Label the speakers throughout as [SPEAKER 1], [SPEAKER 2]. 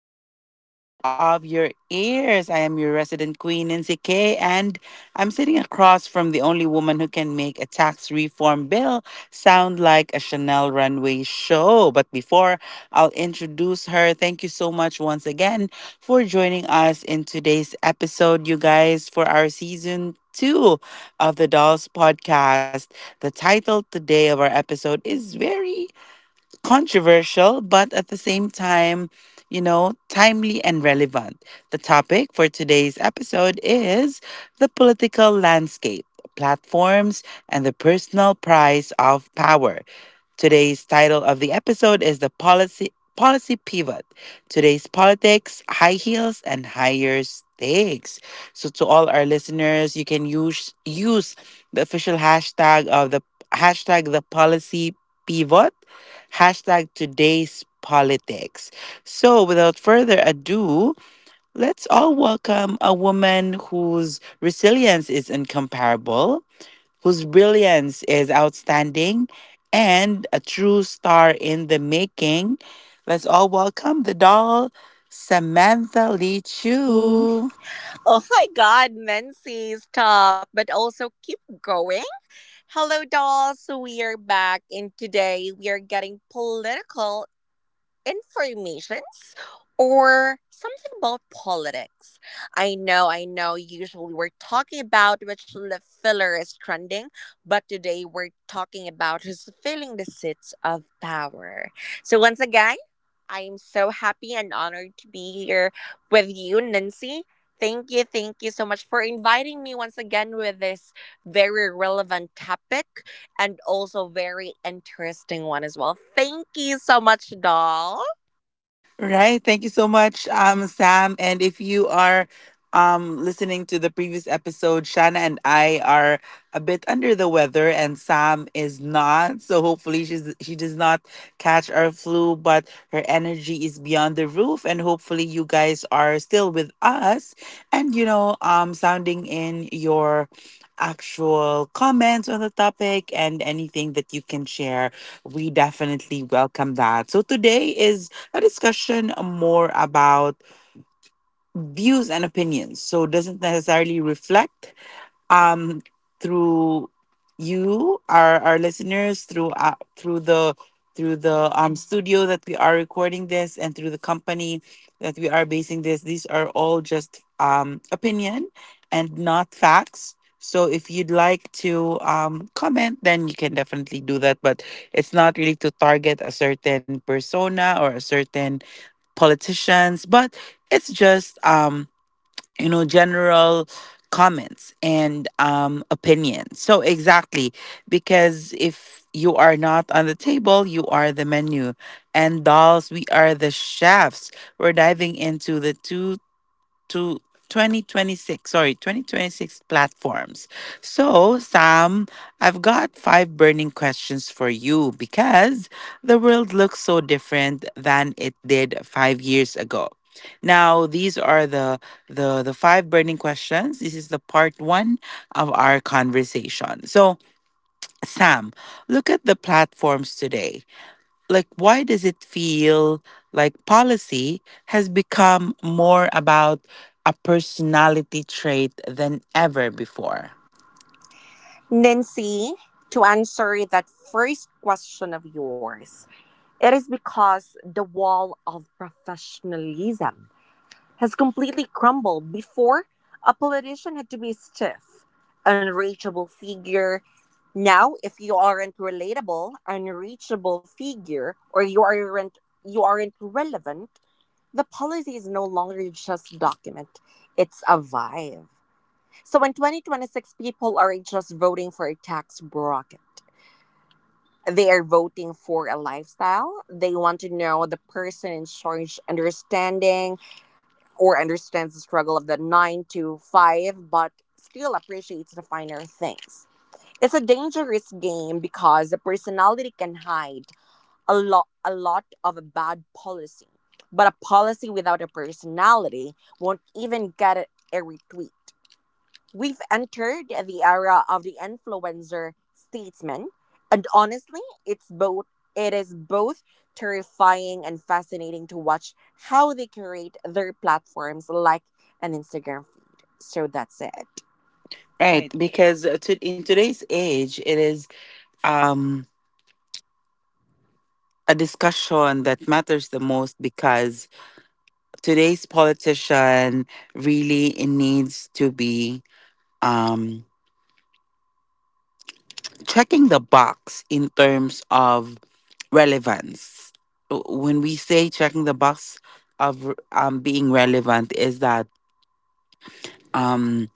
[SPEAKER 1] the main stage of your ears. I am your resident queen, Nancy K, and I'm sitting across from the only woman who can make a tax reform bill sound like a Chanel runway show. But before I'll introduce her, thank you so much once again for joining us in today's episode, you guys, for our season two of the Dolls podcast. The title today of our episode is very controversial, but at the same time, you know, timely and relevant. The topic for today's episode is the political landscape, platforms, and the personal price of power. Today's title of the episode is the policy pivot. Today's politics, high heels and higher stakes. So to all our listeners, you can use the official hashtag of the hashtag the policy pivot, hashtag today's politics. So without further ado, let's all welcome a woman whose resilience is incomparable, whose brilliance is outstanding, and a true star in the making. Let's all welcome the doll, Samantha Lee Chu.
[SPEAKER 2] Oh my god, Nancy's stop! But also keep going. Hello, dolls. We are back, and today we are getting political informations or something about politics. I know, usually we're talking about which lip filler is trending, but today we're talking about who's filling the seats of power. So, once again, I am so happy and honored to be here with you, Nancy. Thank you so much for inviting me once again with this very relevant topic and also very interesting one as well. Thank you so much, doll.
[SPEAKER 1] Right. Thank you so much, Sam. And if you are listening to the previous episode, Shana and I are a bit under the weather, and Sam is not. So hopefully, she does not catch our flu, but her energy is beyond the roof. And hopefully, you guys are still with us and, you know, sounding in your actual comments on the topic and anything that you can share, we definitely welcome that. So today is a discussion more about views and opinions. So it doesn't necessarily reflect um, through you, our listeners, through the studio that we are recording this, and through the company that we are basing this. These are all just opinion and not facts. So if you'd like to comment, then you can definitely do that. But it's not really to target a certain persona or a certain politicians, but it's just, you know, general comments and, opinions. So exactly, because if you are not on the table, you are the menu, and dolls, we are the chefs. We're diving into the two to 2026 sorry 2026 platforms. So Sam, I've got five burning questions for you because the world looks so different than it did five years ago. Now these are the the five burning questions. This is the part one of our conversation. So Sam, look at the platforms today, like why does it feel like policy has become more about a personality trait than ever before?
[SPEAKER 2] Nancy, to answer that first question of yours, it is because the wall of professionalism has completely crumbled. Before, a politician had to be a stiff, unreachable figure. Now, if you aren't relatable, unreachable figure, or you aren't relevant, the policy is no longer just document; it's a vibe. So in 2026, people are just voting for a tax bracket. They are voting for a lifestyle. They want to know the person in charge understanding or understands the struggle of the nine to five, but still appreciates the finer things. It's a dangerous game because the personality can hide a lot of a bad policy. But a policy without a personality won't even get a retweet. We've entered the era of the influencer statesman, and honestly, it's both it is both terrifying and fascinating to watch how they curate their platforms like an Instagram feed. So that's it.
[SPEAKER 1] Right,
[SPEAKER 2] Right.
[SPEAKER 1] because in today's age, it is um a discussion that matters the most because today's politician really needs to be, um checking the box in terms of relevance. When we say checking the box of, being relevant, is that, um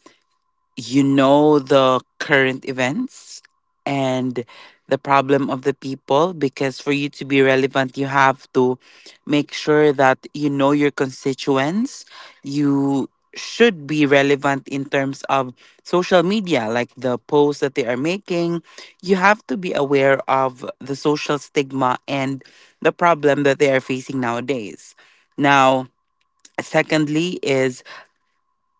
[SPEAKER 1] you know, the current events and the problem of the people, because for you to be relevant, you have to make sure that you know your constituents. You should be relevant in terms of social media, like the posts that they are making. You have to be aware of the social stigma and the problem that they are facing nowadays. Now, secondly, is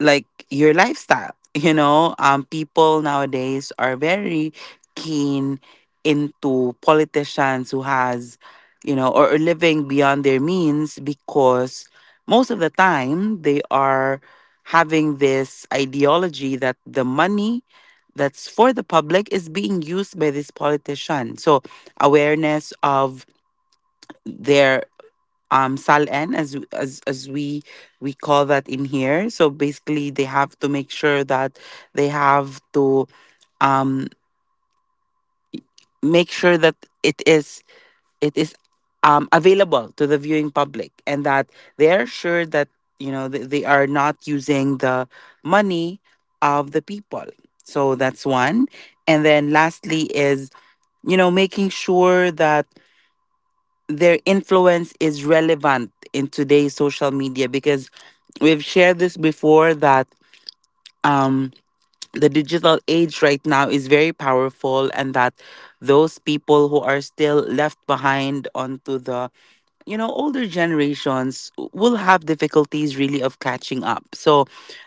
[SPEAKER 1] like your lifestyle, you know, people nowadays are very keen into politicians who has, you know, or living beyond their means, because most of the time they are having this ideology that the money that's for the public is being used by this politician. So awareness of their, salen, as we call that in here. So basically, they have to make sure that they have to, um make sure that it is it is available to the viewing public, and that they are sure that, you know, they are not using the money of the people. So that's one. And then lastly is, you know, making sure that their influence is relevant in today's social media, because we've shared this before that, um the digital age right now is very powerful, and that those people who are still left behind onto the, you know, older generations will have difficulties really of catching up. So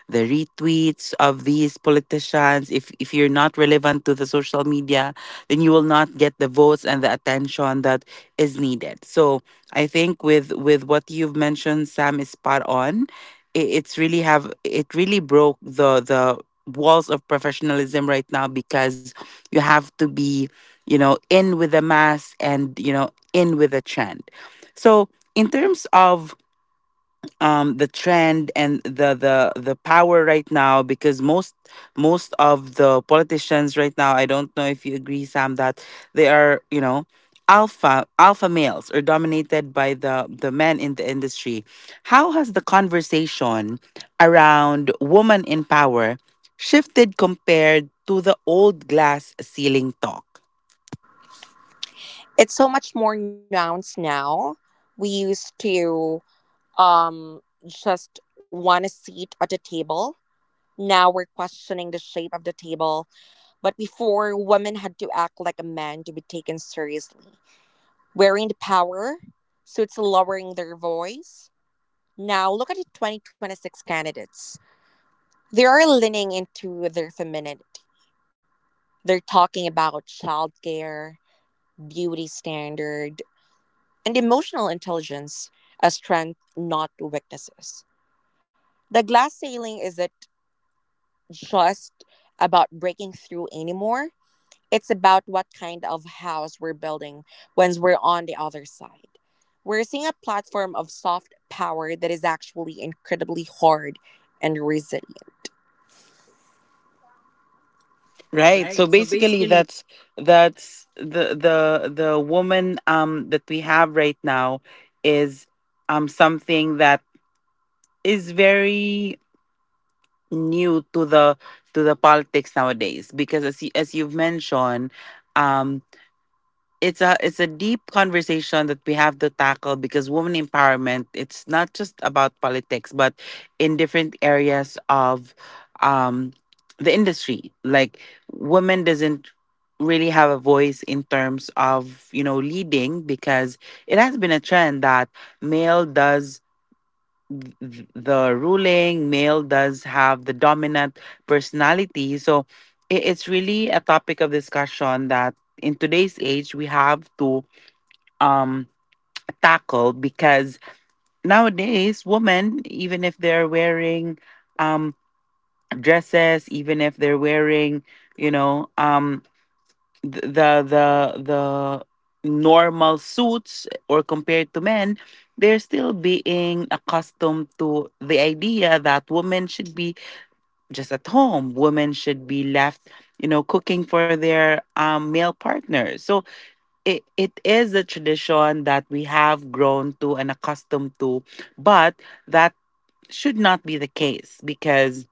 [SPEAKER 1] the retweets of these politicians, if you're not relevant to the social media, then you will not get the votes and the attention that is needed. So I think with what you've mentioned, Sam, is spot on. It's really have it really broke the walls of professionalism right now, because you have to be, you know, in with the mass, and you know, in with the trend. So, in terms of, the trend and the power right now, because most of the politicians right now, I don't know if you agree, Sam, that they are, you know, alpha males, or dominated by the men in the industry. How has the conversation around woman in power shifted compared to the old glass ceiling talk?
[SPEAKER 2] It's so much more nuanced now. We used to um just want a seat at the table. Now we're questioning the shape of the table. But before, women had to act like a man to be taken seriously, wearing the power, so it's lowering their voice. Now, look at the 2026 candidates. They are leaning into their femininity. They're talking about childcare, beauty standard, and emotional intelligence as strength, not weaknesses. The glass ceiling isn't just about breaking through anymore. It's about what kind of house we're building once we're on the other side. We're seeing a platform of soft power that is actually incredibly hard and resilient.
[SPEAKER 1] Right.
[SPEAKER 2] Right.
[SPEAKER 1] So
[SPEAKER 2] So
[SPEAKER 1] basically
[SPEAKER 2] basically,
[SPEAKER 1] that's the the woman, that we have right now, is, something that is very new to the politics nowadays, because as as you've mentioned, um it's a, it's a deep conversation that we have to tackle, because women empowerment, it's not just about politics, but in different areas of, um the industry. Like women doesn't really have a voice in terms of, you know, leading, because it has been a trend that male does, the ruling male does have the dominant personality. So it's really a topic of discussion that in today's age we have to, um tackle, because nowadays, women, even if they're wearing, um dresses, even if they're wearing, you know, the normal suits or compared to men, they're still being accustomed to the idea that women should be just at home, women should be left, you know, cooking for their, male partners. So, it is a tradition that we have grown to and accustomed to, but that should not be the case, because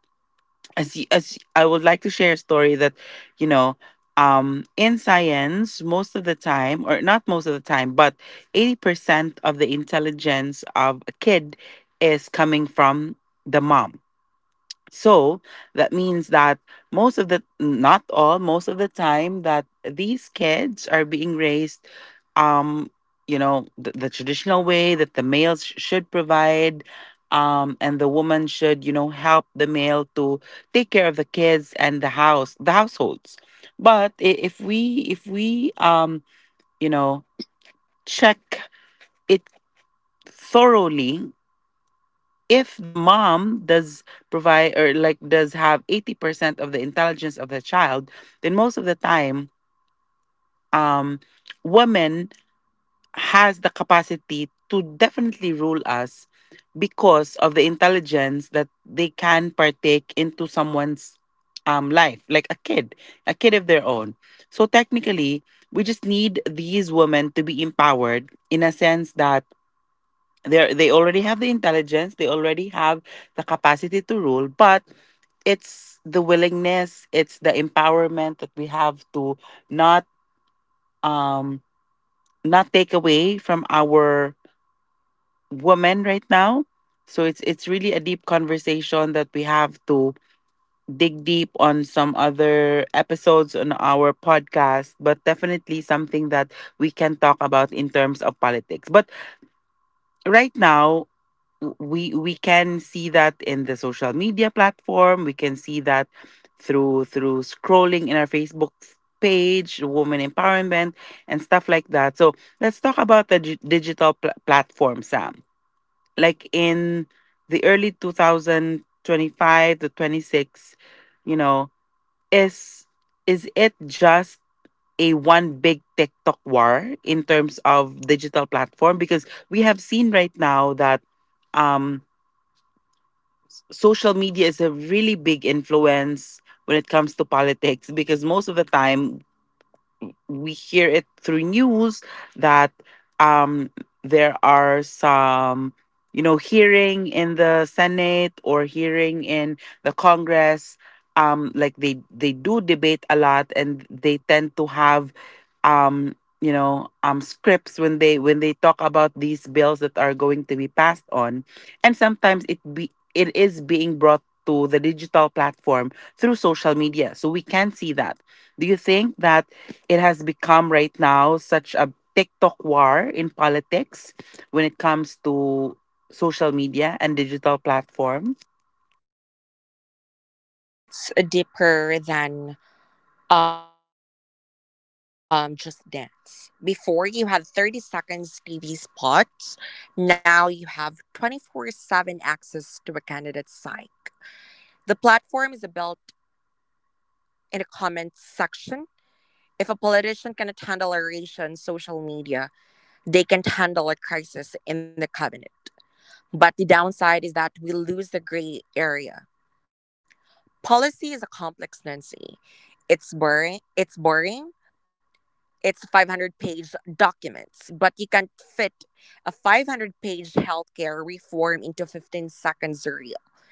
[SPEAKER 1] as I would like to share a story that, you know, in science, most of the time, or not most of the time, but 80% of the intelligence of a kid is coming from the mom. So that means that most of the, not all, most of the time, that these kids are being raised, um, you know, the traditional way, that the male should provide, and the woman should, you know, help the male to take care of the kids and the house, the households. But if we, you know, check it thoroughly, if the mom does provide, or like does have 80% of the intelligence of the child, then most of the time, um, women has the capacity to definitely rule us, because of the intelligence that they can partake into someone's, life, like a kid, a kid of their own. So technically, we just need these women to be empowered in a sense that they already have the intelligence, they already have the capacity to rule. But it's the willingness, it's the empowerment that we have to not, um not take away from our women right now. So it's really a deep conversation that we have to dig deep on some other episodes on our podcast, but definitely something that we can talk about in terms of politics. But right now, we can see that in the social media platform, we can see that through scrolling in our Facebook page, women empowerment and stuff like that. So let's talk about the digital platform, Sam, like in the early 2025 to 26, you know, is is it just a one big TikTok war in terms of digital platform, because we have seen right now that, um social media is a really big influence when it comes to politics, because most of the time we hear it through news that, um, there are some, you know, hearing in the Senate or hearing in the Congress. Like they do debate a lot, and they tend to have, um, you know, scripts when they talk about these bills that are going to be passed on, and sometimes it is being brought to the digital platform through social media, so we can see that. Do you think that it has become right now such a TikTok war in politics when
[SPEAKER 2] when
[SPEAKER 1] it
[SPEAKER 2] it comes
[SPEAKER 1] comes to social media and digital platform?
[SPEAKER 2] Basically, it's deeper than just dance. Before you had 30 seconds TV spots, now you have 24/7 access to a candidate's psyche. The platform is built in a comment section. If a politician cannot handle a ratio on social media, they can't handle a crisis in the cabinet. But the downside is that we lose the gray area. Policy is a complex, Nancy. It's boring. It's boring. It's 500-page documents, but you can't fit a 500-page healthcare reform into 15 seconds or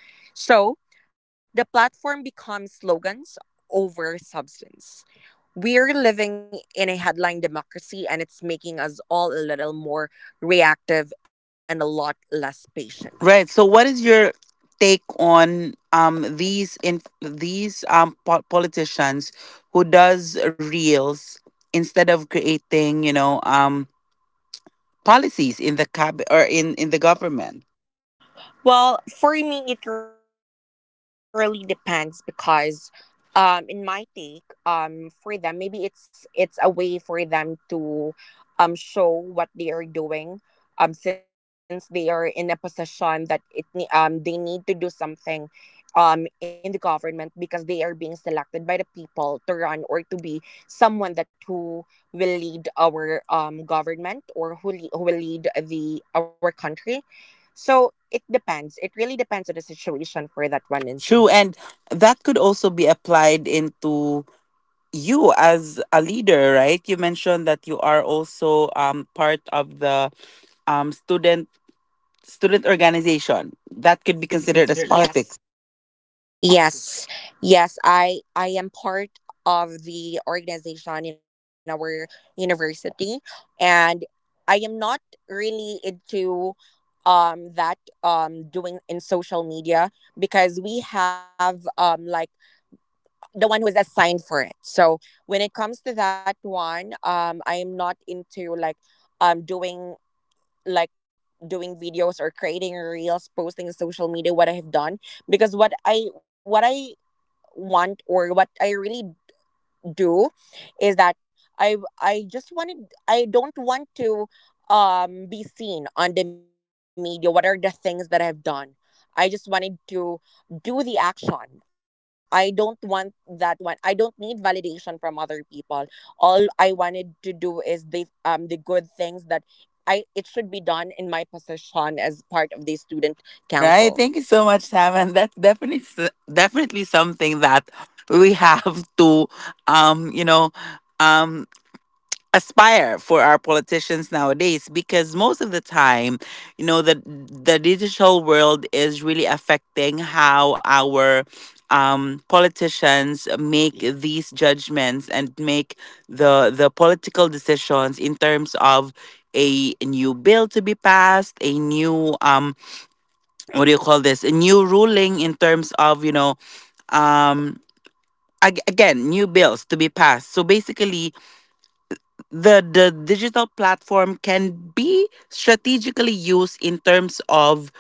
[SPEAKER 2] becomes slogans over substance. We're living in a headline democracy, and it's making us all a little more reactive and a lot less patient.
[SPEAKER 1] Right. So, what is your take on, these, in these politicians who does reels instead of creating, you know, policies in the cab or in the government?
[SPEAKER 2] Well, for me, it really depends because, in my take, for them, maybe it's a way for them to, show what they are doing, since they are in a position that they need to do something, in the government because they are being selected by the people to run or to be someone that who will lead our government or who will lead the our country, so it depends. It really depends on the situation for that one,
[SPEAKER 1] True,
[SPEAKER 2] Nancy.
[SPEAKER 1] and that could also be applied into you as a leader, right? You mentioned that you are also part of the um student student organization that could be considered as. Yes. Politics.
[SPEAKER 2] That could be considered as toxic. Yes, yes, I part of the organization in our university, and I am not really into that doing in social media because we have like the one who is assigned for it. So when it comes to that one, I am not into like doing like doing videos or creating reels posting in social media what I have done, because what I want or what I really do is that I I just wanted I don't want to be seen on the media what are the things that I've done. I just wanted to do the action. I don't want that one. I don't need validation from other people. All I wanted to do is the good things that I it should be done in my position as part of the student council.
[SPEAKER 1] Right, thank you so much, Sam, and that's definitely definitely something that we have to um you know um aspire for our politicians nowadays, because most of the time, you know, the digital world is really affecting how our politicians make these judgments and make the political decisions in terms of a new bill to be passed, a new what do you call this, a new ruling in terms of, you know, um again, new bills to be passed. So basically the digital platform can be strategically used in terms of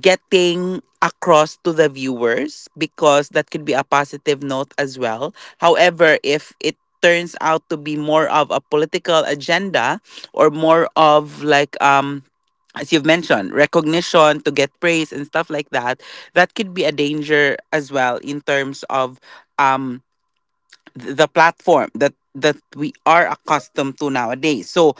[SPEAKER 1] getting across to the viewers, because that could be a positive note as well. However, if it turns out to be more of a political agenda or more of like as you've mentioned, recognition to get praise and stuff like that, that could be a danger as well in terms of um the platform that we are accustomed to nowadays. So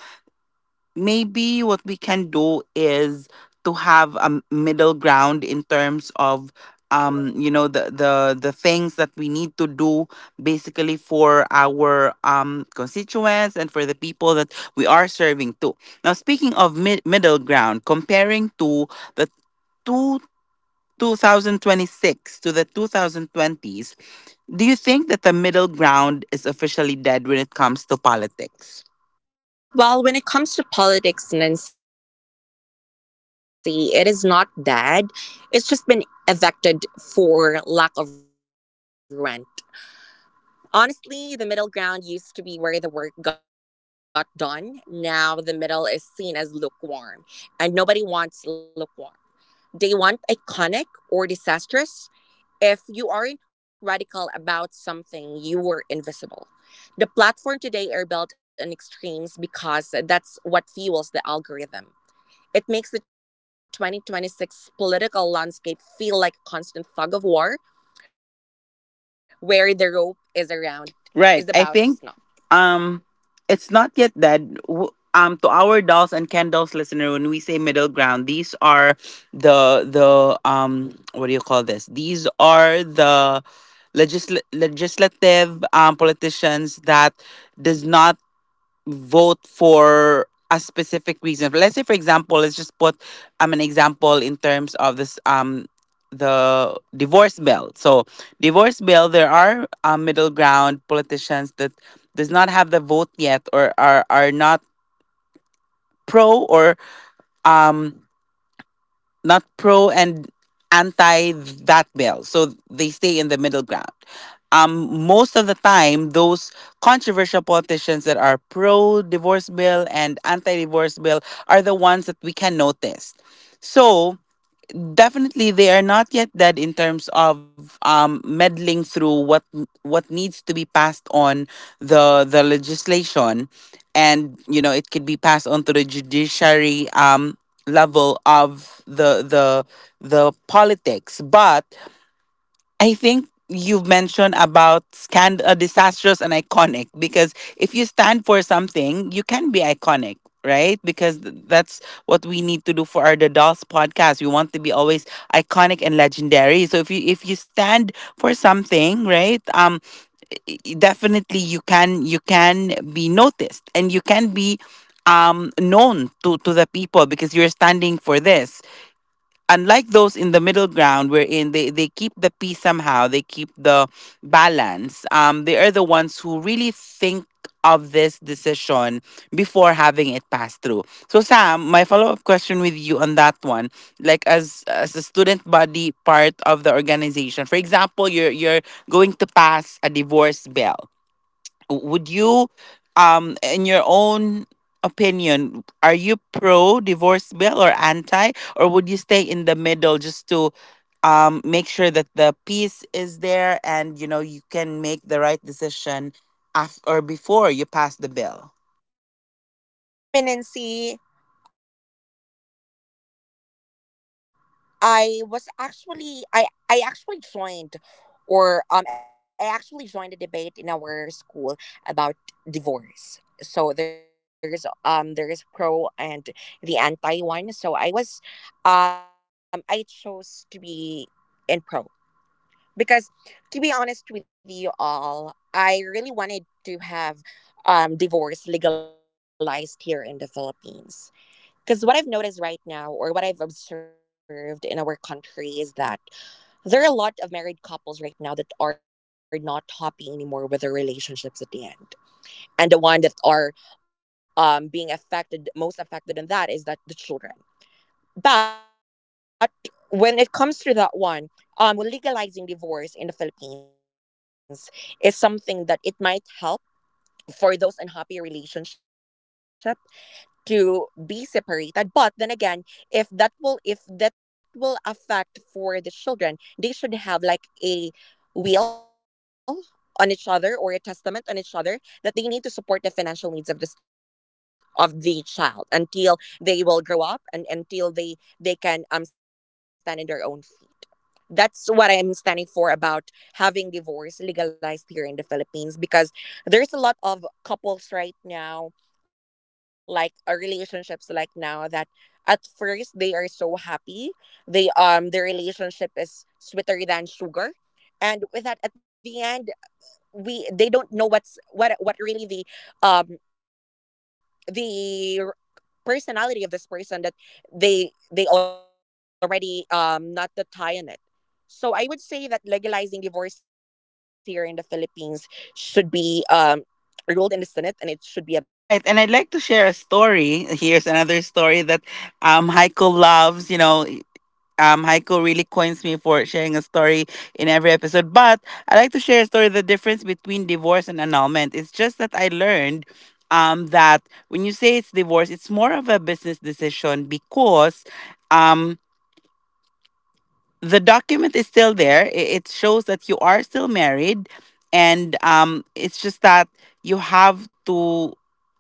[SPEAKER 1] maybe what we can do is to have a middle ground in terms of you know, the things that we need to do, basically, for our constituents and for the people that we are serving to. Now, speaking of middle ground, comparing to the two. 2026 to the 2020s, do you think that the middle ground is officially dead when it comes to politics?
[SPEAKER 2] Well, when it comes to politics, Nancy, it is not dead. It's just been evicted for lack of rent. Honestly, the middle ground used to be where the work got done. Now the middle is seen as lukewarm, and nobody wants lukewarm. They want iconic or disastrous. If you aren't radical about something, you were invisible. The platform today are built on extremes because that's what fuels the algorithm. It makes the 2026 political landscape feel like a constant tug of war where the rope is around
[SPEAKER 1] Right. I
[SPEAKER 2] is
[SPEAKER 1] think
[SPEAKER 2] about to snap.
[SPEAKER 1] um it's not yet dead. To our dolls and Ken dolls listener, when we say middle ground, these are the what do you call this? These are the legislative politicians that does not vote for a specific reason. Let's say, for example, let's just put an example in terms of this the divorce bill. So divorce bill, there are middle ground politicians that does not have the vote yet, or are not pro or um not pro and anti that bill. So they stay in the middle ground. Most of the time, those controversial politicians that are pro divorce bill and anti divorce bill are the ones that we can notice. So definitely they are not yet dead in terms of, meddling through what needs to be passed on the legislation, and you know it could be passed on to the judiciary, level of the politics. But I think you've mentioned about disastrous and iconic, because if you stand for something, you can be iconic, right? Because that's what we need to do for our The Dolls podcast. We want to be always iconic and legendary. So if you stand for something, right? Definitely you can be noticed, and you can be known to the people because you're standing for this, unlike those in the middle ground, wherein they keep the peace somehow, they keep the balance, they are the ones who really think of this decision before having it pass through. So, Sam, my follow-up question with you on that one: like, as a student body part of the organization, for example, you're going to pass a divorce bill, would you, in your own opinion, are you pro divorce bill or anti, or would you stay in the middle just to make sure that the peace is there, and you know you can make the right decision after or before you pass the bill?
[SPEAKER 2] Dominancy, I was actually I I actually joined I actually joined a debate in our school about divorce. So there is pro and the anti one. So I chose to be in pro, because to be honest with you all, I really wanted to have divorce legalized here in the Philippines because what I've noticed right now or what I've observed in our country is that there are a lot of married couples right now that are not happy anymore with their relationships at the end, and the one that are being affected most affected in that is that the children. But when it comes to that one, legalizing divorce in the Philippines is something that it might help for those unhappy relationship to be separated. But then again, if that will affect for the children, they should have like a Will on each other or a testament on each other that they need to support the financial needs of the child until they will grow up and until they can stand on their own feet. That's what I'm standing for about having divorce legalized here in the Philippines, because there's a lot of couples right now, like relationships like now that at first they are so happy, they their relationship is sweeter than sugar, and with that at the end we they don't know what really the um the r- personality of this person, that they already not the tie on it. So I would say that legalizing divorce here in the Philippines should be ruled in the Senate, and
[SPEAKER 1] Right,
[SPEAKER 2] it
[SPEAKER 1] and I'd
[SPEAKER 2] should be
[SPEAKER 1] like
[SPEAKER 2] a
[SPEAKER 1] to
[SPEAKER 2] bill.
[SPEAKER 1] share a story. Here's another story that Heiko loves. You know, Heiko really coins me for sharing a story in every episode. But I like to share a story: the difference between divorce and annulment. It's just that I learned, that when you say it's divorce, it's more of a business decision because. Um, the document is still there. It shows that you are still married, and it's just that you have to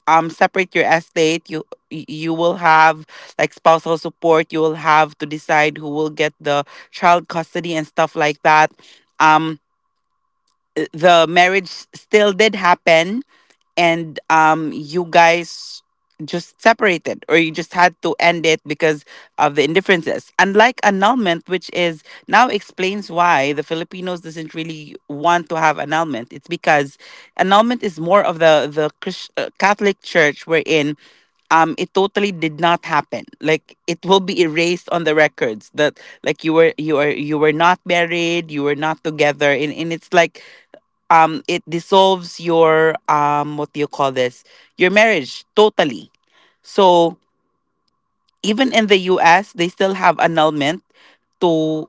[SPEAKER 1] separate your estate. You will have like spousal support. You will have to decide who will get the child custody and stuff like that. Um, the marriage still did happen, and um, you guys just separated, or you just had to end it because of the indifferences, unlike annulment, which is now explains why the filipinos doesn't really want to have annulment. It's because annulment is more of the catholic church, wherein um, it totally did not happen, like it will be erased on the records that, like, you were not married, you were not together, and it's like it dissolves your, um, what do you call this, your marriage totally. So even in the US they still have annulment to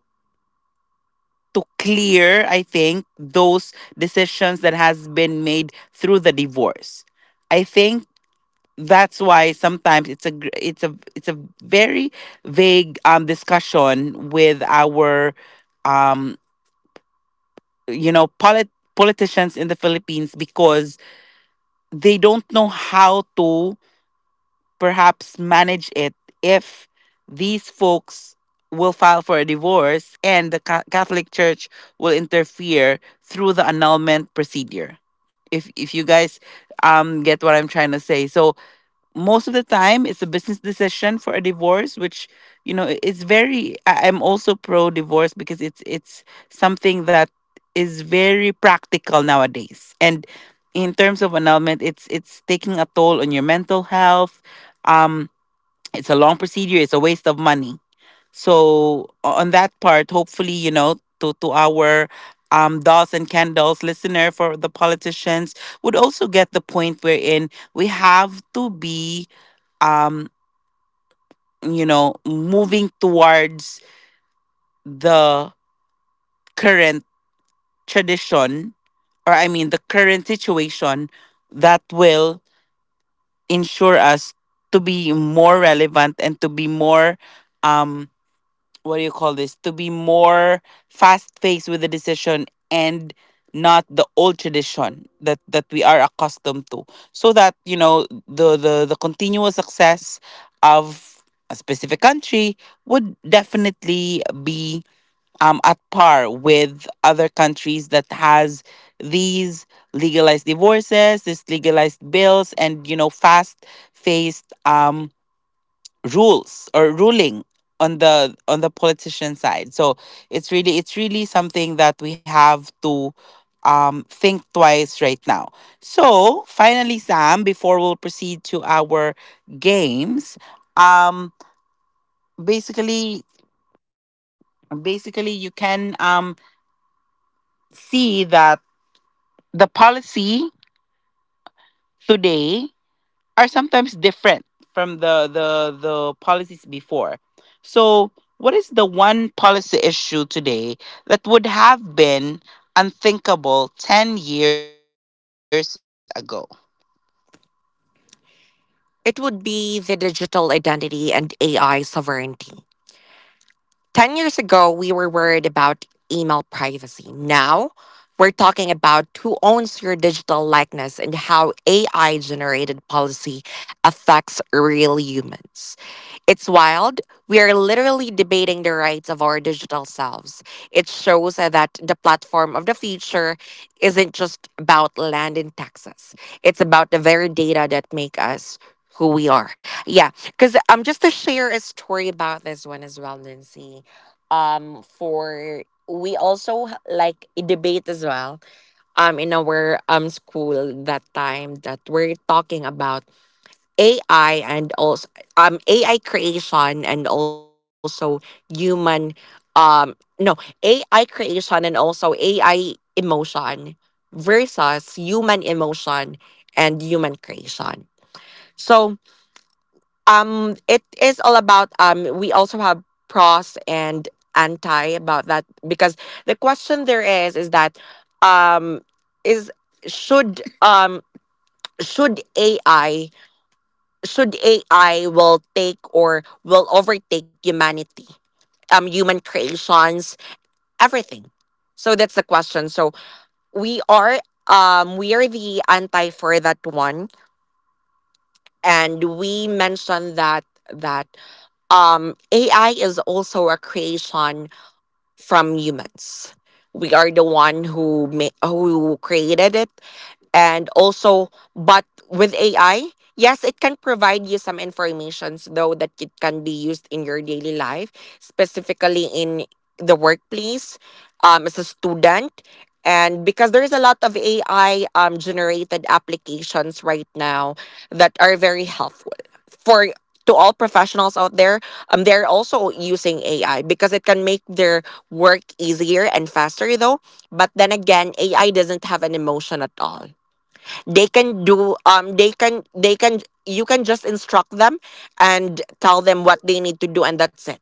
[SPEAKER 1] clear, I think, those decisions that has been made through the divorce. I think that's why sometimes it's a it's a very vague discussion with our um you know politicians in the philippines, because they don't know how to perhaps manage it if these folks will file for a divorce and the Catholic Church will interfere through the annulment procedure. If you guys get what I'm trying to say. So most of the time it's a business decision for a divorce, which, you know, it's very, I'm also pro divorce because it's something that is very practical nowadays. And in terms of annulment, it's taking a toll on your mental health, um, it's a long procedure, it's a waste of money. So on that part, hopefully, you know, to our dolls and candles listener, for the politicians, would also get the point wherein we have to be um you know, moving towards the current tradition, or I mean the current situation, that will ensure us to be more relevant and to be more, um, what do you call this, to be more fast paced with the decision, and not the old tradition that we are accustomed to, so that, you know, the continuous success of a specific country would definitely be, at par with other countries that has these legalized divorces, these legalized bills, and you know fast paced rules or ruling on the politician side. So it's really, it's really something that we have to, think twice right now. So finally, Sam, before we'll proceed to our games, um basically, you can, um, see that the policy today are sometimes different from the the policies before. So, what is the one policy issue today that would have been unthinkable 10 years ago? It would be the digital identity and AI sovereignty. 10 years ago, we were worried about email privacy. Now, we're talking about who owns your digital likeness and how AI generated policy affects real humans. It's wild. We are literally debating the rights of our digital selves. It shows that the platform of the future isn't just about land in Texas. It's about the very data that make us who we are. Yeah, because just to share a story about this one as well, Nancy. For we also like a debate as well. In our school that time that we're talking about AI, and also AI creation, and also human, um, no, AI creation, and also AI emotion versus human emotion and human creation. So it is all about, um, we also have pros and anti about that, because the question there is that um is should um should AI should AI will take or will overtake humanity, human creations, everything. So that's the question. So we are we are the anti for that one, and we mentioned that that um, AI is also a creation from humans. We are the one who who created it, and also, but with ai, yes, it can provide you some informations though that it can be used in your daily life, specifically in the workplace, as a student. And because there is a lot of ai generated applications right now that are very helpful for, to all professionals out there, they're also using ai because it can make their work easier and faster though. But then again, ai doesn't have an emotion at all. They can do they can you can just instruct them and tell them what they need to do, and that's it.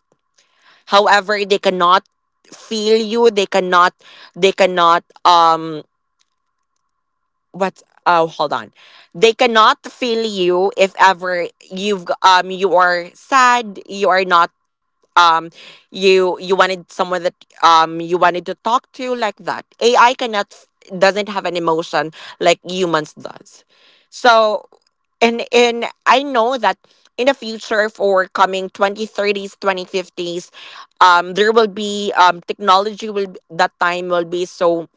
[SPEAKER 1] However, they cannot feel you. They cannot, they cannot what, oh, hold on, they cannot feel you if ever you are sad, you are not, um you wanted someone that, you wanted to talk to, like that, ai cannot, doesn't have an emotion like humans does. So and I know that in the future, for coming 2030s, 2050s, there will be, that time will be so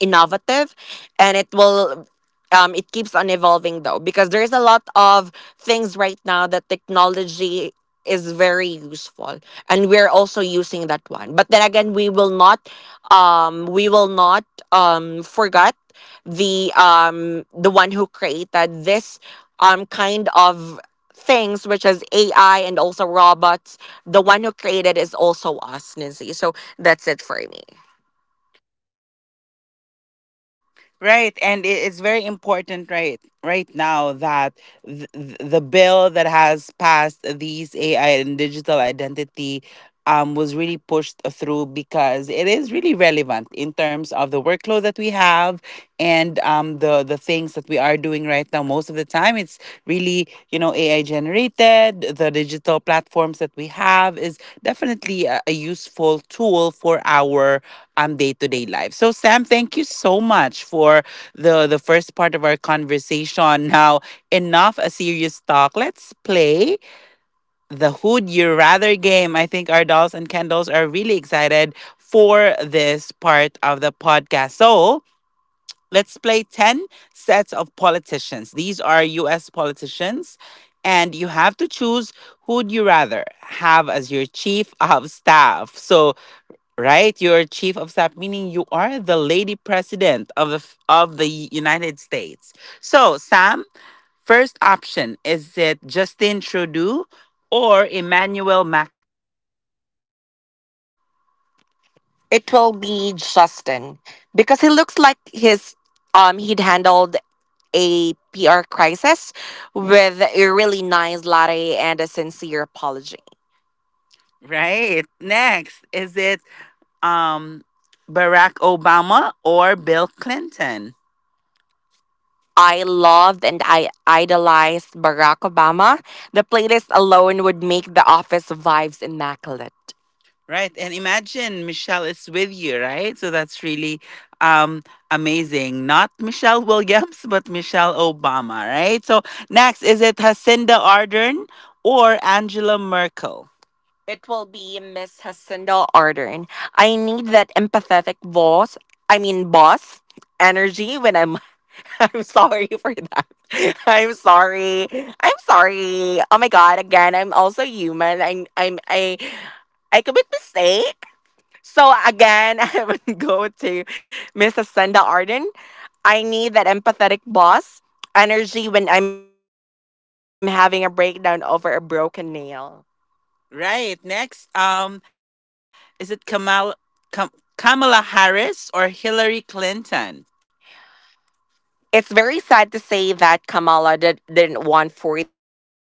[SPEAKER 1] innovative, and it will, it keeps on evolving though, because there's a lot of things right now that technology is very useful. And we're also using that one, but then again, we will not, we will not, forget the, the one who created this, kind of things, which is ai, and also robots. The one who created is also us, nancy. So that's it for me. Right, and it's very important right, right now that the bill that has passed these AI and digital identity was really pushed through, because it is really relevant in terms of the workload that we have. And the things that we are doing right now, most of the time it's really, you know, ai generated. The digital platforms that we have is definitely a useful tool for our day-to-day life. So sam, thank you so much for the first part of our conversation. Now, enough a serious talk, let's play the who'd you rather game. I think our dolls and candles are really excited for this part of the podcast. So let's play 10 sets of politicians. These are US politicians, and you have to choose who would you rather have as your chief of staff. So, right, your chief of staff, meaning you are the lady president of the United States. So, Sam, first option, is it Justin Trudeau or Emmanuel Macron? It will be Justin, because he looks like his, he'd handled a PR crisis with a really nice latte and a sincere apology. Right. Next, is it um Barack Obama or Bill Clinton? I loved and I idolized Barack Obama. The playlist alone would make the office vibes immaculate. Right. And imagine Michelle is with you, right? So that's really, um amazing. Not Michelle Williams, but Michelle Obama, right? So next, is it Jacinda Ardern or Angela Merkel? It will be Miss Jacinda Ardern. I need that empathetic boss. I mean, boss energy when I'm. I'm sorry for that. I'm sorry. I'm sorry. Oh my god! Again, I'm also human. I'm. I'm. I. I commit mistake. So again, I would go to Mrs. Senda Arden. I need that empathetic boss energy when I'm having a breakdown over a broken nail. Right. Next, is it Kam- Kamala Harris or Hillary Clinton? It's very sad to say that Kamala didn't won for the election against,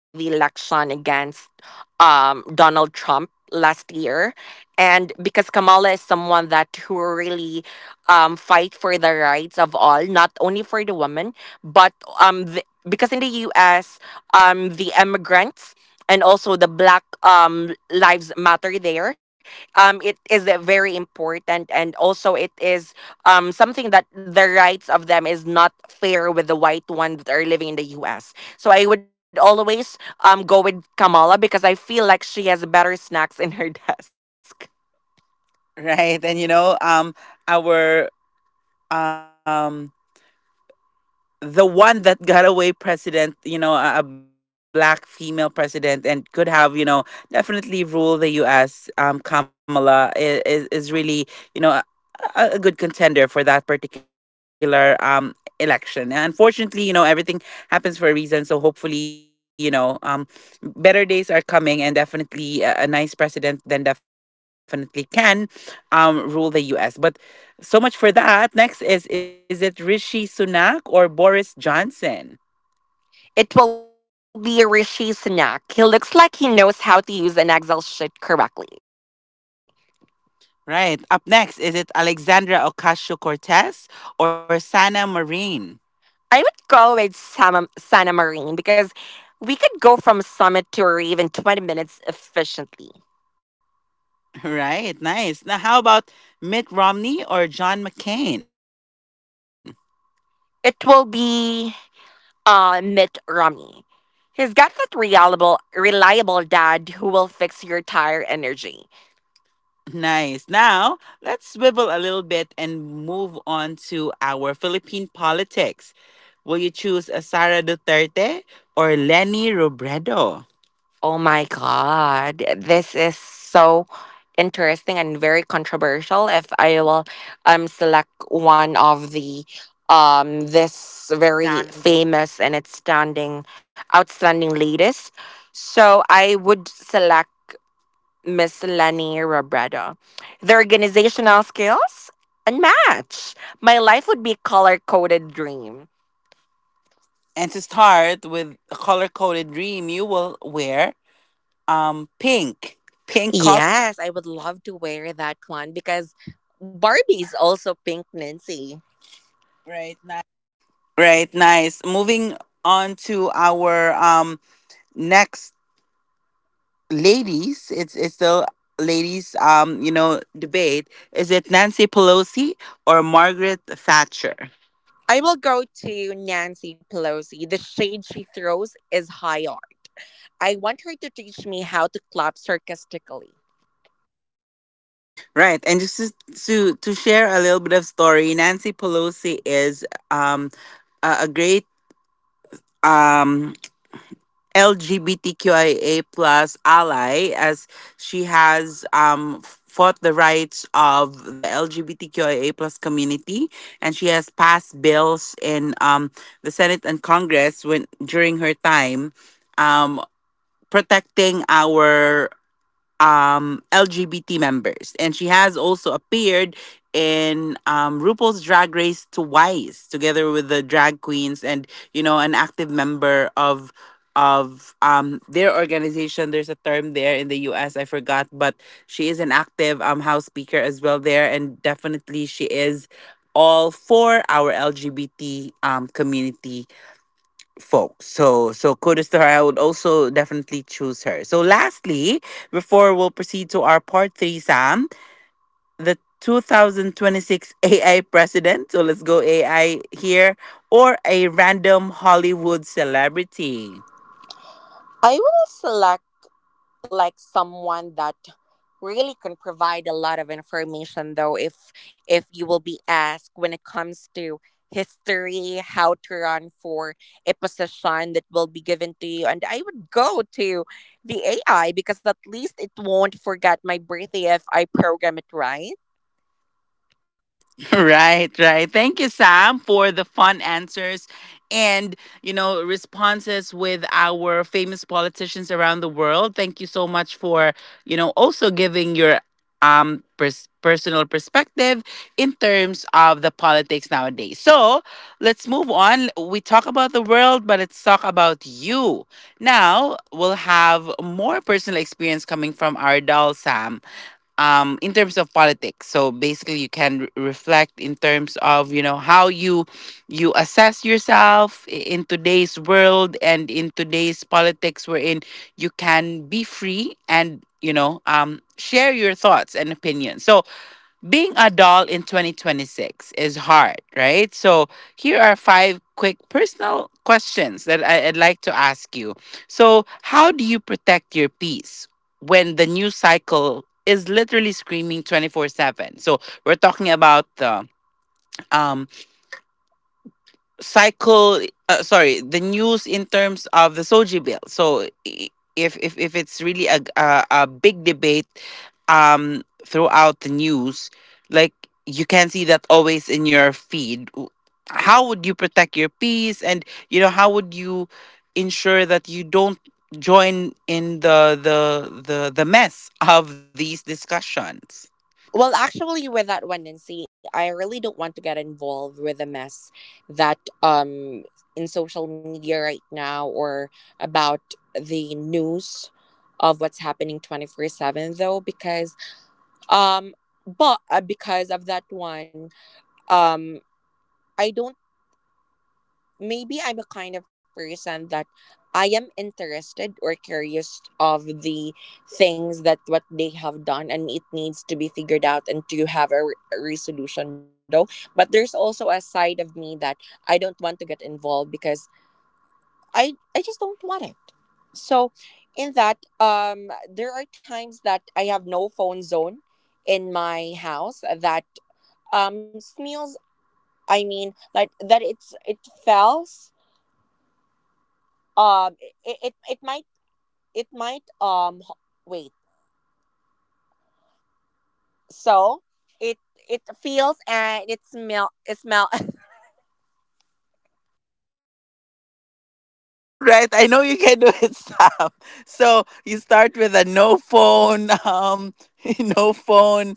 [SPEAKER 1] Donald Trump last year. And because Kamala is someone that who really, fight for the rights of all, not only for the women, but, um, the, because in the U.S., the immigrants and also the black, lives matter there. It is, very important, and also it is, something that the rights of them is not fair with the white one that are living in the US. So I would always, go with Kamala because I feel like she has better snacks in her desk. Right. And you know, our, um the one that got away president, you know, a black female president and could have, you know, definitely rule the US, Kamala is really, you know, a good contender for that particular election. And unfortunately, you know, everything happens for a reason. So hopefully, you know, better days are coming, and definitely a nice president then definitely can, rule the US. But so much for that. Next, is it Rishi Sunak or Boris Johnson? It will be Rishi Sunak. He looks like he knows how to use an Excel sheet correctly. Right. Up next, is it Alexandra Ocasio Cortez or Sana Marin? I would go with Santa Marine, because we could go from summit to or even 20 minutes efficiently. Right. Nice. Now, how about Mitt Romney or John McCain? It will be, Mitt Romney. He's got that reliable dad who will fix your tire energy. Nice. Now, let's swivel a little bit and move on to our Philippine politics. Will you choose a Sara Duterte or Leni Robredo? Oh my God. This is so interesting and very controversial. If I will, select one of the, this very famous and it's standing outstanding leaders. So I would select Miss Lenny Robredo. The organizational skills? Unmatched. My life would be a color coded dream. And to start with a color coded dream, you will wear, pink. Pink color, right?
[SPEAKER 2] Yes, I would love to wear that one because Barbie's also pink, Nancy.
[SPEAKER 1] Right, nice. Moving on to our next ladies. It's still ladies, you know, debate. Is it Nancy Pelosi or Margaret Thatcher?
[SPEAKER 2] I will go to Nancy Pelosi. The shade she throws is high art. I want her to teach me how to clap sarcastically.
[SPEAKER 1] Right, and just to share a little bit of story, Nancy Pelosi is, um a great, um LGBTQIA plus ally, as she has fought the rights of the LGBTQIA plus community, and she has passed bills in, the Senate and Congress when during her time, um protecting our LGBT members. And she has also appeared in RuPaul's Drag Race twice together with the drag queens, and you know, an active member of their organization. There's a term there in the US I forgot, but she is an active house speaker as well there, and definitely she is all for our LGBT community folks. So so kudos to her. I would also definitely choose her. So lastly, before we'll proceed to our part three, Sam, the 2026 AI president. So let's go AI here or a random Hollywood celebrity.
[SPEAKER 2] I will select like someone that really can provide a lot of information though, if you will be asked when it comes to history how to run for a position that will be given to you, and I would go to the AI, because at least it won't forget my birthday if I program it right.
[SPEAKER 1] Right, right. Thank you, Sam, for the fun answers, and, you know, responses with our famous politicians around the world. Thank you so much for, you know, also giving your, personal perspective in terms of the politics nowadays. So, let's move on. We talk about the world, but let's talk about you. Now, we'll have more personal experience coming from our doll Sam, in terms of politics. So basically, you can reflect in terms of, you know, how you, you assess yourself in today's world and in today's politics, wherein you can be free and, you know, share your thoughts and opinions. So being a doll in 2026 is hard, right? So, here are five quick personal questions that I'd like to ask you. So, how do you protect your peace when the news cycle is literally screaming 24/7? So, we're talking about the, um cycle, sorry, the news in terms of the soji bill. So if it's really a big debate, throughout the news, like you can see that always in your feed. How would you protect your peace, and, you know, how would you ensure that you don't join in the the mess of these discussions?
[SPEAKER 2] Well, actually, with that one, Nancy, I really don't want to get involved with the mess that in social media right now, or about the news of what's happening 24/7, though, because um but because of that one um I don't, maybe I'm a kind of person that I am interested or curious of the things that what they have done and it needs to be figured out and to have a resolution, though. But there's also a side of me that I don't want to get involved because I just don't want it. So in that there are times that I have no phone zone in my house that smells, I mean like that it fails um it it might it might um h- wait, so it it feels and it smell
[SPEAKER 1] Right? I know you can do it, Sam. So you start with a no phone, no phone,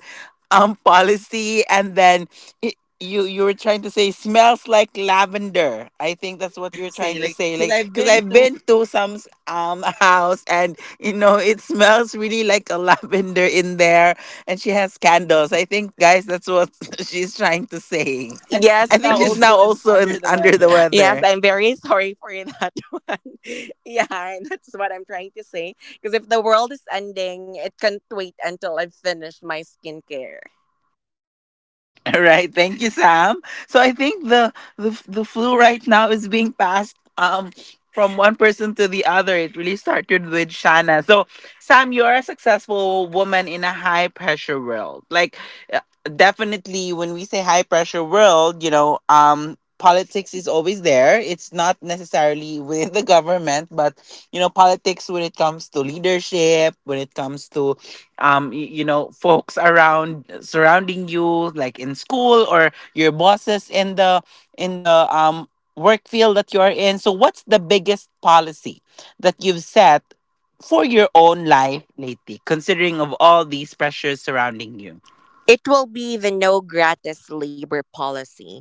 [SPEAKER 1] policy, and then, y- you, you were trying to say smells like lavender. I think that's what
[SPEAKER 2] Trying
[SPEAKER 1] you're
[SPEAKER 2] to
[SPEAKER 1] trying
[SPEAKER 2] say
[SPEAKER 1] to
[SPEAKER 2] like,
[SPEAKER 1] say,
[SPEAKER 2] because
[SPEAKER 1] like
[SPEAKER 2] I've
[SPEAKER 1] because
[SPEAKER 2] been
[SPEAKER 1] I've
[SPEAKER 2] to
[SPEAKER 1] been to some, house, and you know it smells really like a lavender in there, and she has candles. I think, guys, that's what she's trying to say.
[SPEAKER 2] and
[SPEAKER 1] I
[SPEAKER 2] yes
[SPEAKER 1] think
[SPEAKER 2] now
[SPEAKER 1] she's now
[SPEAKER 2] also in
[SPEAKER 1] also in,
[SPEAKER 2] under the
[SPEAKER 1] under
[SPEAKER 2] weather.
[SPEAKER 1] the
[SPEAKER 2] Yes
[SPEAKER 1] weather.
[SPEAKER 2] I'm very sorry for that one. Yeah, and that's what I'm trying to say, because if the world is ending, it can't wait until I've finished my skincare.
[SPEAKER 1] All right, thank you, Sam. So I think the flu right now is being passed, from one person to the other. It really started with Shanna. So Sam, you're a successful woman in a high pressure world. Like, uh, definitely, when we say high pressure world, you know. Politics is always there. It's not necessarily within the government, but you know, politics when it comes to leadership, when it comes to, you know, folks around, surrounding you, like in school or your bosses in the in the, work field that you're in. So what's the biggest policy that you've set for your own life lately, considering of all these pressures surrounding you?
[SPEAKER 2] It will be the no gratis labor policy.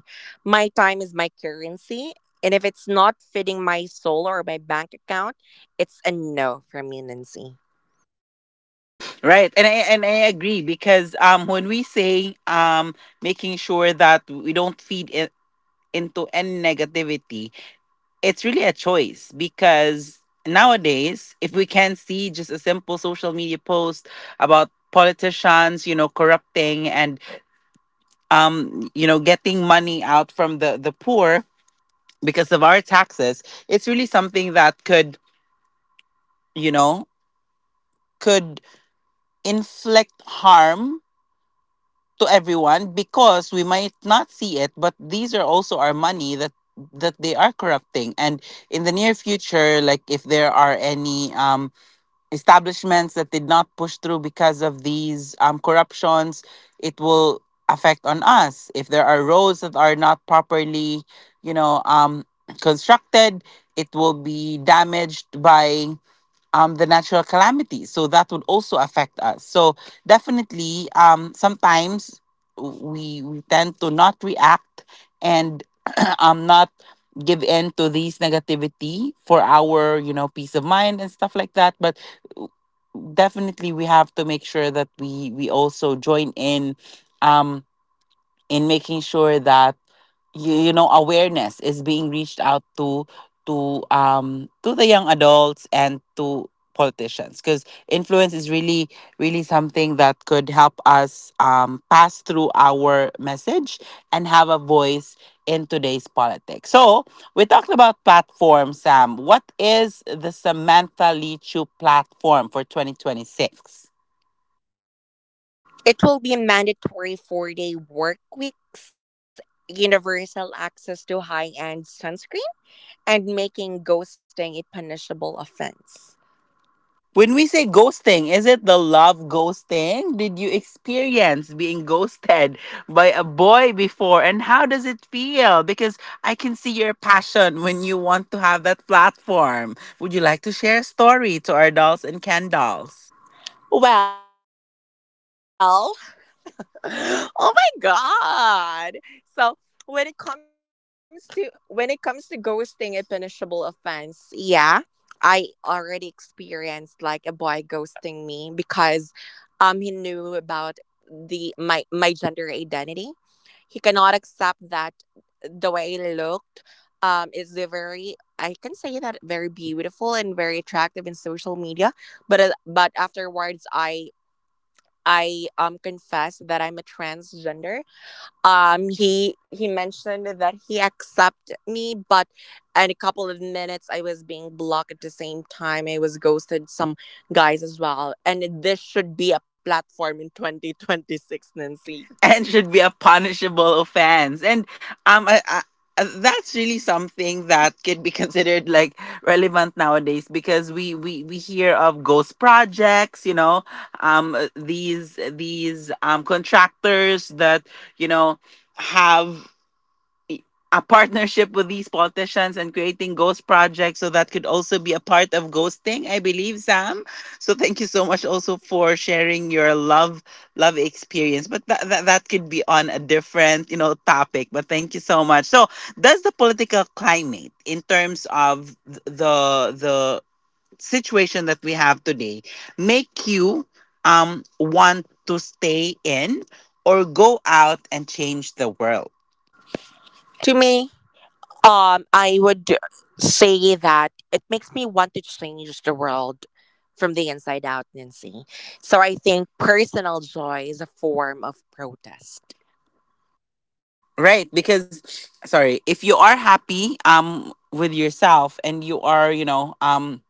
[SPEAKER 2] My time is my currency, and if it's not fitting my soul or my bank account, it's a no from me, Nancy.
[SPEAKER 1] Right, and I agree, because, when we say, making sure that we don't feed in, into any negativity, it's really a choice. Because nowadays, if we can see just a simple social media post about politicians, you know, corrupting and, you know, getting money out from the poor because of our taxes, it's really something that could, you know, could inflict harm to everyone, because we might not see it, but these are also our money that they are corrupting. And in the near future, like if there are any, establishments that did not push through because of these, corruptions, it will affect on us. If there are roads that are not properly, you know, um, constructed, it will be damaged by the natural calamities. So that would also affect us. So definitely, sometimes we tend to not react and not give in to these negativity for our peace of mind and stuff like that. But definitely, we have to make sure that we also join in. Um, in making sure that you know awareness is being reached out to to the young adults and to politicians because influence is really something that could help us pass through our message and have a voice in today's politics. So we talked about platforms, Sam. What is the Samantha Lichu platform for 2026?
[SPEAKER 2] It will be a mandatory 4-day work weeks, universal access to high end sunscreen, and making ghosting a punishable offense.
[SPEAKER 1] When we say ghosting, is it the love ghosting? Did you experience being ghosted by a boy before? And how does it feel? Because I can see your passion when you want to have that platform. Would you like to share a story to our dolls and Ken dolls?
[SPEAKER 2] Well, oh my god so when it comes to ghosting a punishable offense, yeah. I already experienced like a boy ghosting me because he knew about the my my gender identity. He cannot accept that the way I looked is the very I can say that very beautiful and very attractive in social media, but but afterwards I confess that I'm a transgender. He mentioned that he accepted me, but in a couple of minutes I was being blocked. At the same time, I was ghosted some guys as well. And this should be a platform in 2026, Nancy.
[SPEAKER 1] And should be a punishable offense. And um, I, I, that's really something that could be considered like relevant nowadays because we hear of ghost projects, these these contractors that you know have a partnership with these politicians and creating ghost projects, so that could also be a part of ghosting, I believe, Sam. So thank you so much also for sharing your love experience, but that that could be on a different topic. But thank you so much. So does the political climate in terms of the the situation that we have today make you want to stay in or go out and change the world?
[SPEAKER 2] To me, I would say that it makes me want to change the world from the inside out, Nancy. So I think personal joy is a form of protest.
[SPEAKER 1] Right, because sorry, if you are happy with yourself and you are,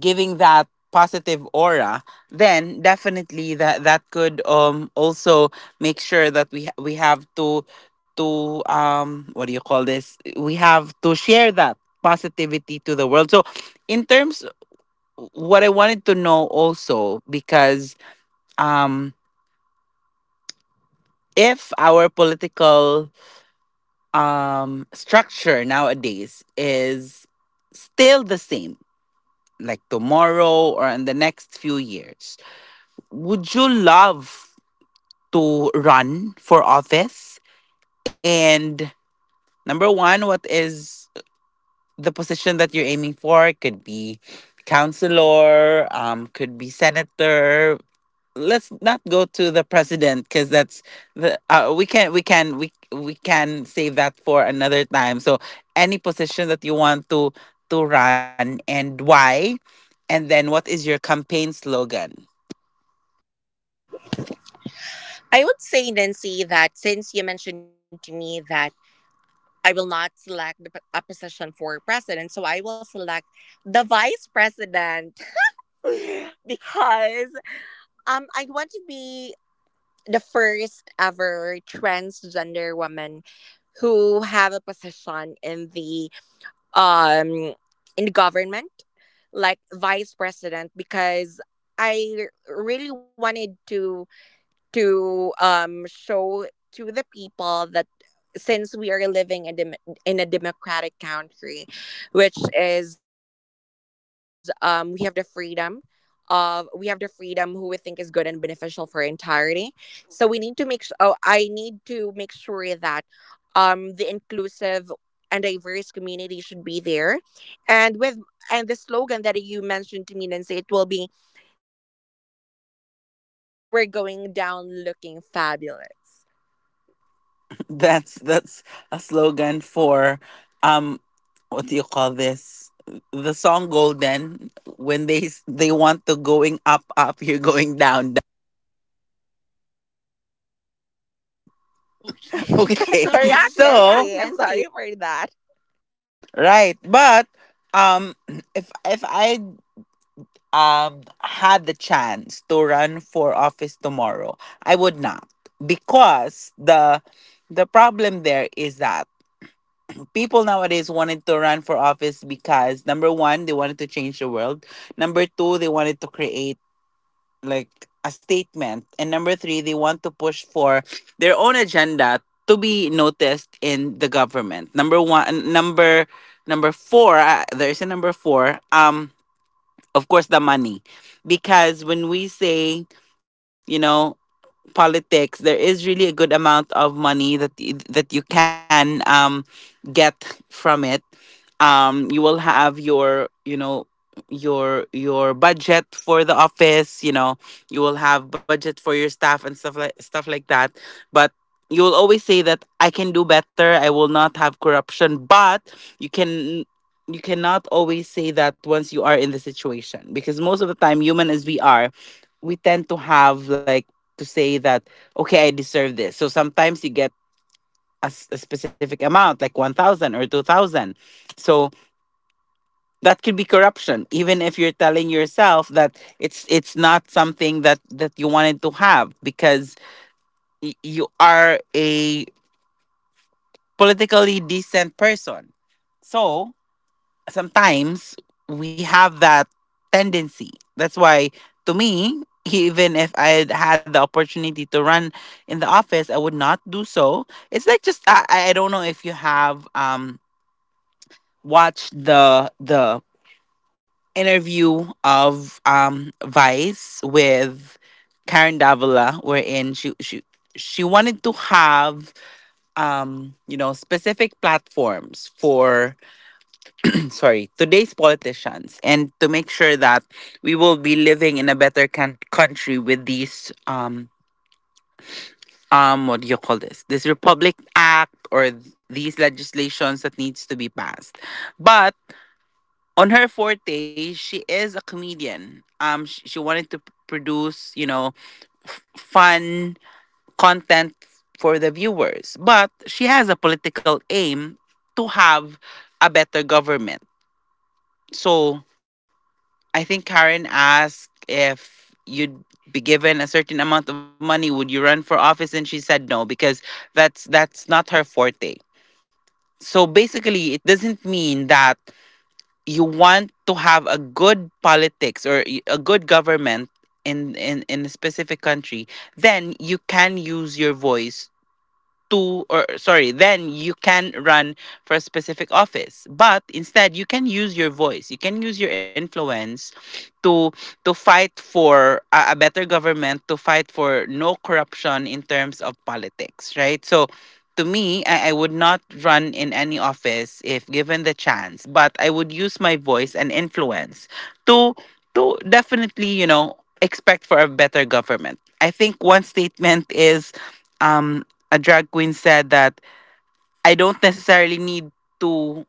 [SPEAKER 1] giving that positive aura, then definitely that could also make sure that we have to what do you call this? We have to share that positivity to the world. So, in terms, what I wanted to know also because um if our political structure nowadays is still the same, like tomorrow or in the next few years, would you love to run for office? And number 1, what is the position that you're aiming for? It could be counselor, could be senator. Let's not go to the president because that's the we can we we can save that for another time. So any position that you want to run, and why, and then what is your campaign slogan?
[SPEAKER 2] I would say, Nancy, that since you mentioned to me that I will not select the a position for president, so I will select the vice president, because I want to be the first ever transgender woman who have a position um in the government, like vice president, because I really wanted to show to the people that since we are living in, in a democratic country, which is, we have the freedom of, we have the freedom who we think is good and beneficial for entirety. So we need to make su- oh I need to make sure that, the and diverse community should be there, and with and the slogan that you mentioned to me, Nancy, it will be Samantha Lee too, because we are going down, we're going down looking fabulous.
[SPEAKER 1] That's a slogan for um what do you call this, the song Golden, when they they want to going up up, you're going down down. Correct.
[SPEAKER 2] Okay.
[SPEAKER 1] Okay.
[SPEAKER 2] Correct,
[SPEAKER 1] So
[SPEAKER 2] Nancy. I'm sorry for that.
[SPEAKER 1] right, but um, if I had the chance to run for office tomorrow, I would not, because the problem there is that people nowadays wanted to run for office because, number one, they wanted to change the world. Number two, they wanted to create like a statement. And number three, they want to push for their own agenda to be noticed in the government. Number one, number four, there is a number four, of course, the money. Because when we say, you know politics, there is really a good amount of money that that you can get from it. You will have your, your budget for the office, you will have budget for your staff and stuff like that. But you will always say that I can do better, I will not have corruption. But you can you cannot always say that once you are in the situation, because most of the time, human as we are, we tend to have like to say that, okay, I deserve this. So sometimes you get a specific amount like 1000 or 2000. So that could be corruption even if you're telling yourself that it's not something that you wanted to have, because you are a politically decent person. So sometimes we have that tendency. That's why, to me, even if I had the opportunity to run in the office, I would not do so. It's like just I don't know if you have watched the interview of Vice with Karen Davila, wherein she wanted to have you know specific platforms for sorry, today's politicians, and to make sure that we will be living in a better country with these what do you call this? This Republic Act or these legislations that needs to be passed. But on her forte, she is a comedian. She wanted to produce, you know, fun content for the viewers, but she has a political aim to have a better government. So I think Karen asked if you'd be given a certain amount of money, would you run for office? And she said no, because that's not her forte. So basically, it doesn't mean that you want to have a good politics or a good government in in a specific country. Then you can use your voice to, or sorry, then you can run for a specific office, but instead you can use your voice, you can use your influence to to fight for a better government, to fight for no corruption in terms of politics, right? So to me, I would not run in any office if given the chance, but I would use my voice and influence to to definitely, you know, expect for a better government. I think one statement is um a drag queen said that I don't necessarily need to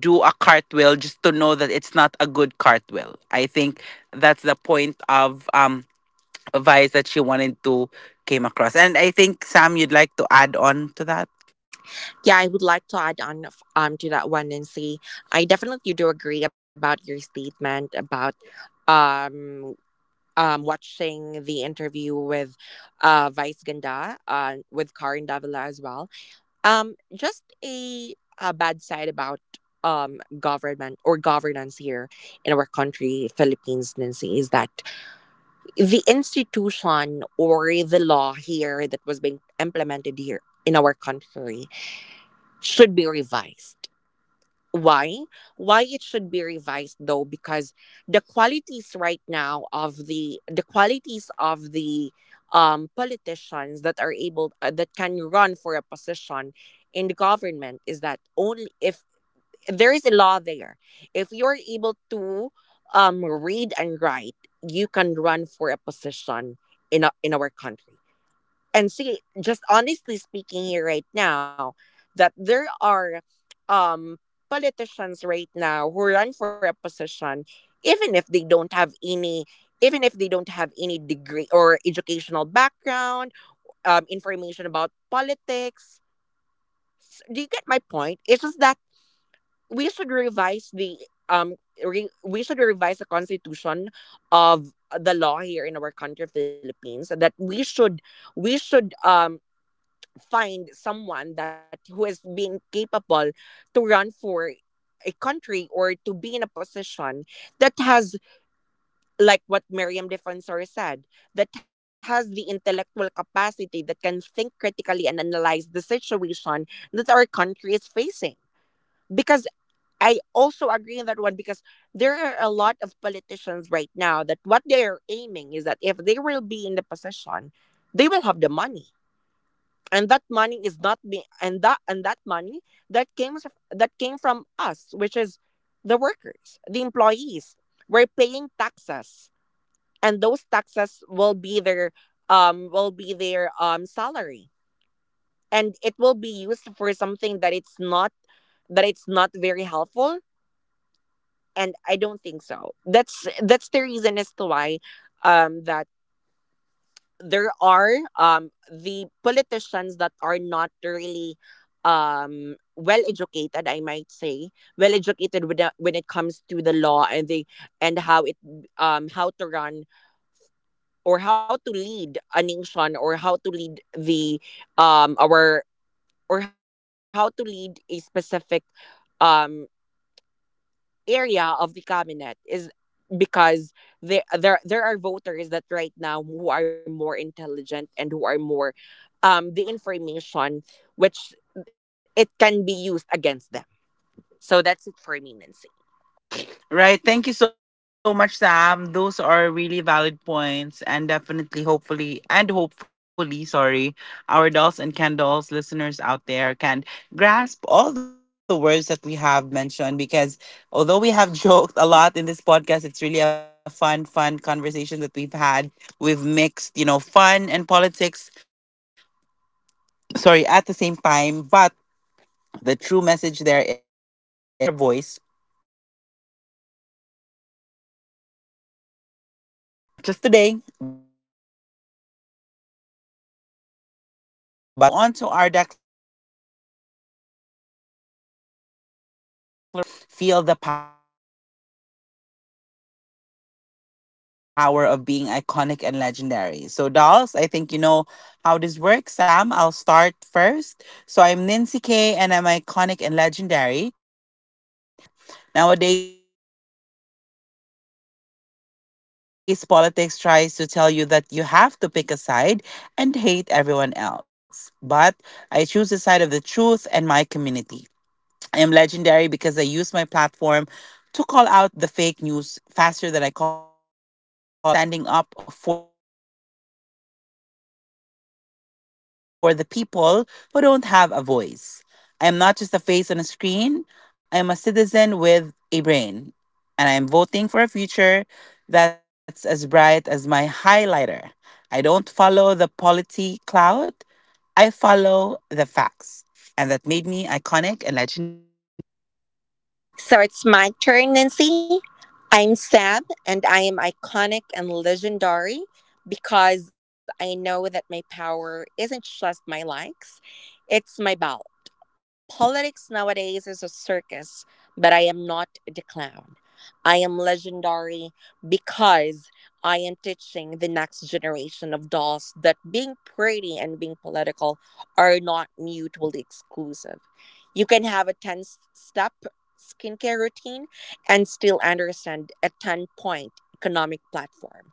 [SPEAKER 1] do a cartwheel just to know that it's not a good cartwheel. I think that's the point of advice that she wanted to came across. And I think Sam, you'd like to add on to that?
[SPEAKER 2] Yeah, I would like to add on to that one, Nancy. I definitely do agree about your statement about um watching the interview with Vice Ganda with Karin Davila as well. Um, a, a bad side about government or governance here in our country, Philippines, Nancy, is that the institution or the law here that was being implemented here in our country should be revised. why why it should be revised though? Because the qualities right now of the qualities of the politicians that are able, that can run for a position in the government is that only if there is a law there, if you're able to read and write, you can run for a position in our country. And see, just honestly speaking here right now, that there are um politicians right now who run for a position even if they don't have any even if they don't have any degree or educational background, information about politics. Do you get my point? It's just that we should revise the um we should revise the constitution of the law here in our country, Philippines, that we should, we should find someone that who has been capable to run for a country or to be in a position that has, like what Miriam Defensor said, that has the intellectual capacity that can think critically and analyze the situation that our country is facing. Because I also agree on that one, because there are a lot of politicians right now that what they are aiming is that if they will be in the position, they will have the money. And that money is not being and that money that that came from us, which is the workers, the employees. We're paying taxes, and those taxes will be their salary, and it will be used for something that it's not, it's not very helpful. And I don't think so. That's the reason as to why that there are the politicians that are not really well educated, I might say, well educated with the, when it comes to the law and the and how it, how to run or how to lead a nation or how to lead the our or how to lead a specific um area of the cabinet. Is because there are voters that right now who are more intelligent and who are more, the information which it can be used against them. So that's it for me, Nancy.
[SPEAKER 1] Right. Thank you so much, Sam. Those are really valid points. And definitely, hopefully, and hopefully, sorry, our dolls and candles listeners out there can grasp all the words that we have mentioned, because although we have joked a lot in this podcast, it's really a fun conversation that we've had. We've mixed, you know, fun and politics, sorry, at the same time. But the true message there is to make sure that we have to be vigilant and we have to share our voice, as our voice can make a difference not just today, but tomorrow and in the future. Succeeding future. Now, let's move on to our declaration part. This is a bit longer declaration because we want to feel the power of being iconic and legendary. So, dolls, I think you know how this works. Sam, I'll start first. So, I'm Nancy K, and I'm iconic and legendary because I refuse to be a puppet for anyone's political agenda. Nowadays, politics tries to tell you that you have to pick a side and hate everyone else. But I choose the side of the truth and my community. I am legendary because I use my platform to call out the fake news faster than I call out a bad outfit. I believe that being a doll means standing up for the people who don't have a voice. I am not just a face on a screen, I am a citizen with a brain. And I am voting for a future that's as bright as my highlighter. I don't follow the polity cloud, I follow the facts, and that made me iconic and legendary.
[SPEAKER 2] So it's my turn, Nancy. I'm Sab, and I am iconic and legendary because I know that my power isn't just my likes, it's my ballot. Politics nowadays is a circus, but I am not the clown. I am legendary because I am teaching the next generation of dolls that being pretty and being political are not mutually exclusive. You can have a 10 step skincare routine and still understand a 10 point economic platform.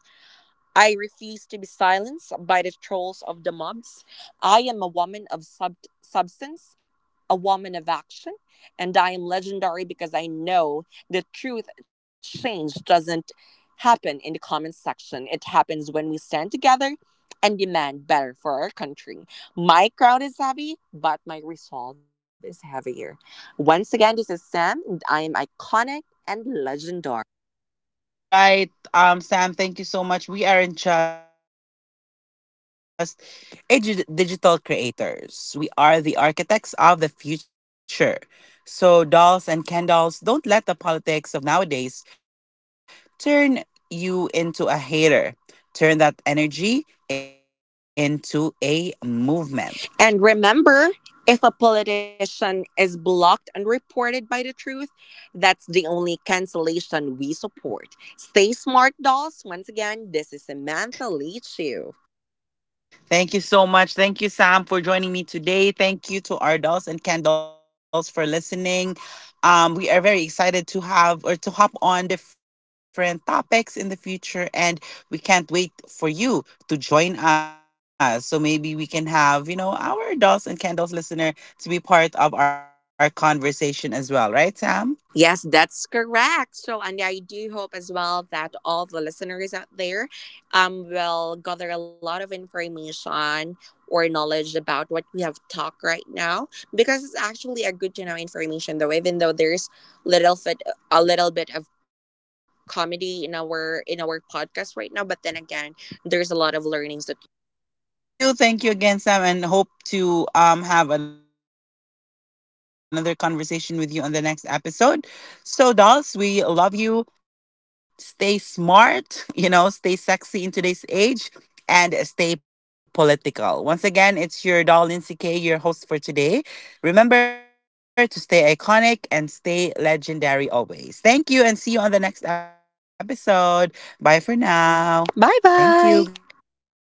[SPEAKER 2] I refuse to be silenced by the trolls of the mobs. I am a woman of substance, a woman of action, and I am legendary because I know the truth change doesn't happen in the comment section. It happens when we stand together and demand better for our country. My crowd is heavy, but my resolve is heavier. Once again, this is Sam, and I am iconic and legendary.
[SPEAKER 1] Nice. Thank you. That's right. Sam, thank you so much. We aren't just a digital creators. We are the architects of the future. So dolls and Ken dolls, don't let the politics of nowadays turn you into a hater. Turn that energy into a movement.
[SPEAKER 2] And remember, if a politician is blocked and reported by the truth, that's the only cancellation we support. Stay smart, dolls. Once again, this is Samantha
[SPEAKER 1] Thank you
[SPEAKER 2] Leach.
[SPEAKER 1] so much. Thank you, Sam, for joining me today. Thank you to our dolls and Ken dolls for listening. We are very excited to have or to hop on different topics in the future, and we can't wait for you to join us. So maybe we can have, you know, our dolls and Ken dolls listener to be part of our conversation as well, right, Sam?
[SPEAKER 2] Yes, that's correct. So, and I do hope as well that all the listeners out there will gather a lot of information or knowledge about what we have talked right now, because it's actually a good to know information though, even though there's little bit little bit of comedy in our podcast right now, but then again, there's a lot of learnings that you will learn from
[SPEAKER 1] Right.
[SPEAKER 2] it.
[SPEAKER 1] Thank you. Thank you again, Sam, and hope to have another conversation with you on the next episode. So, dolls, we love you. Stay smart, you know, stay sexy in today's age and stay political. Once again, it's your doll Nancy K, your host for today. Remember to stay iconic and stay legendary always. Thank you and see you on the next episode. Bye for now.
[SPEAKER 2] Wow! Bye
[SPEAKER 1] Thank you
[SPEAKER 2] bye.
[SPEAKER 1] guys.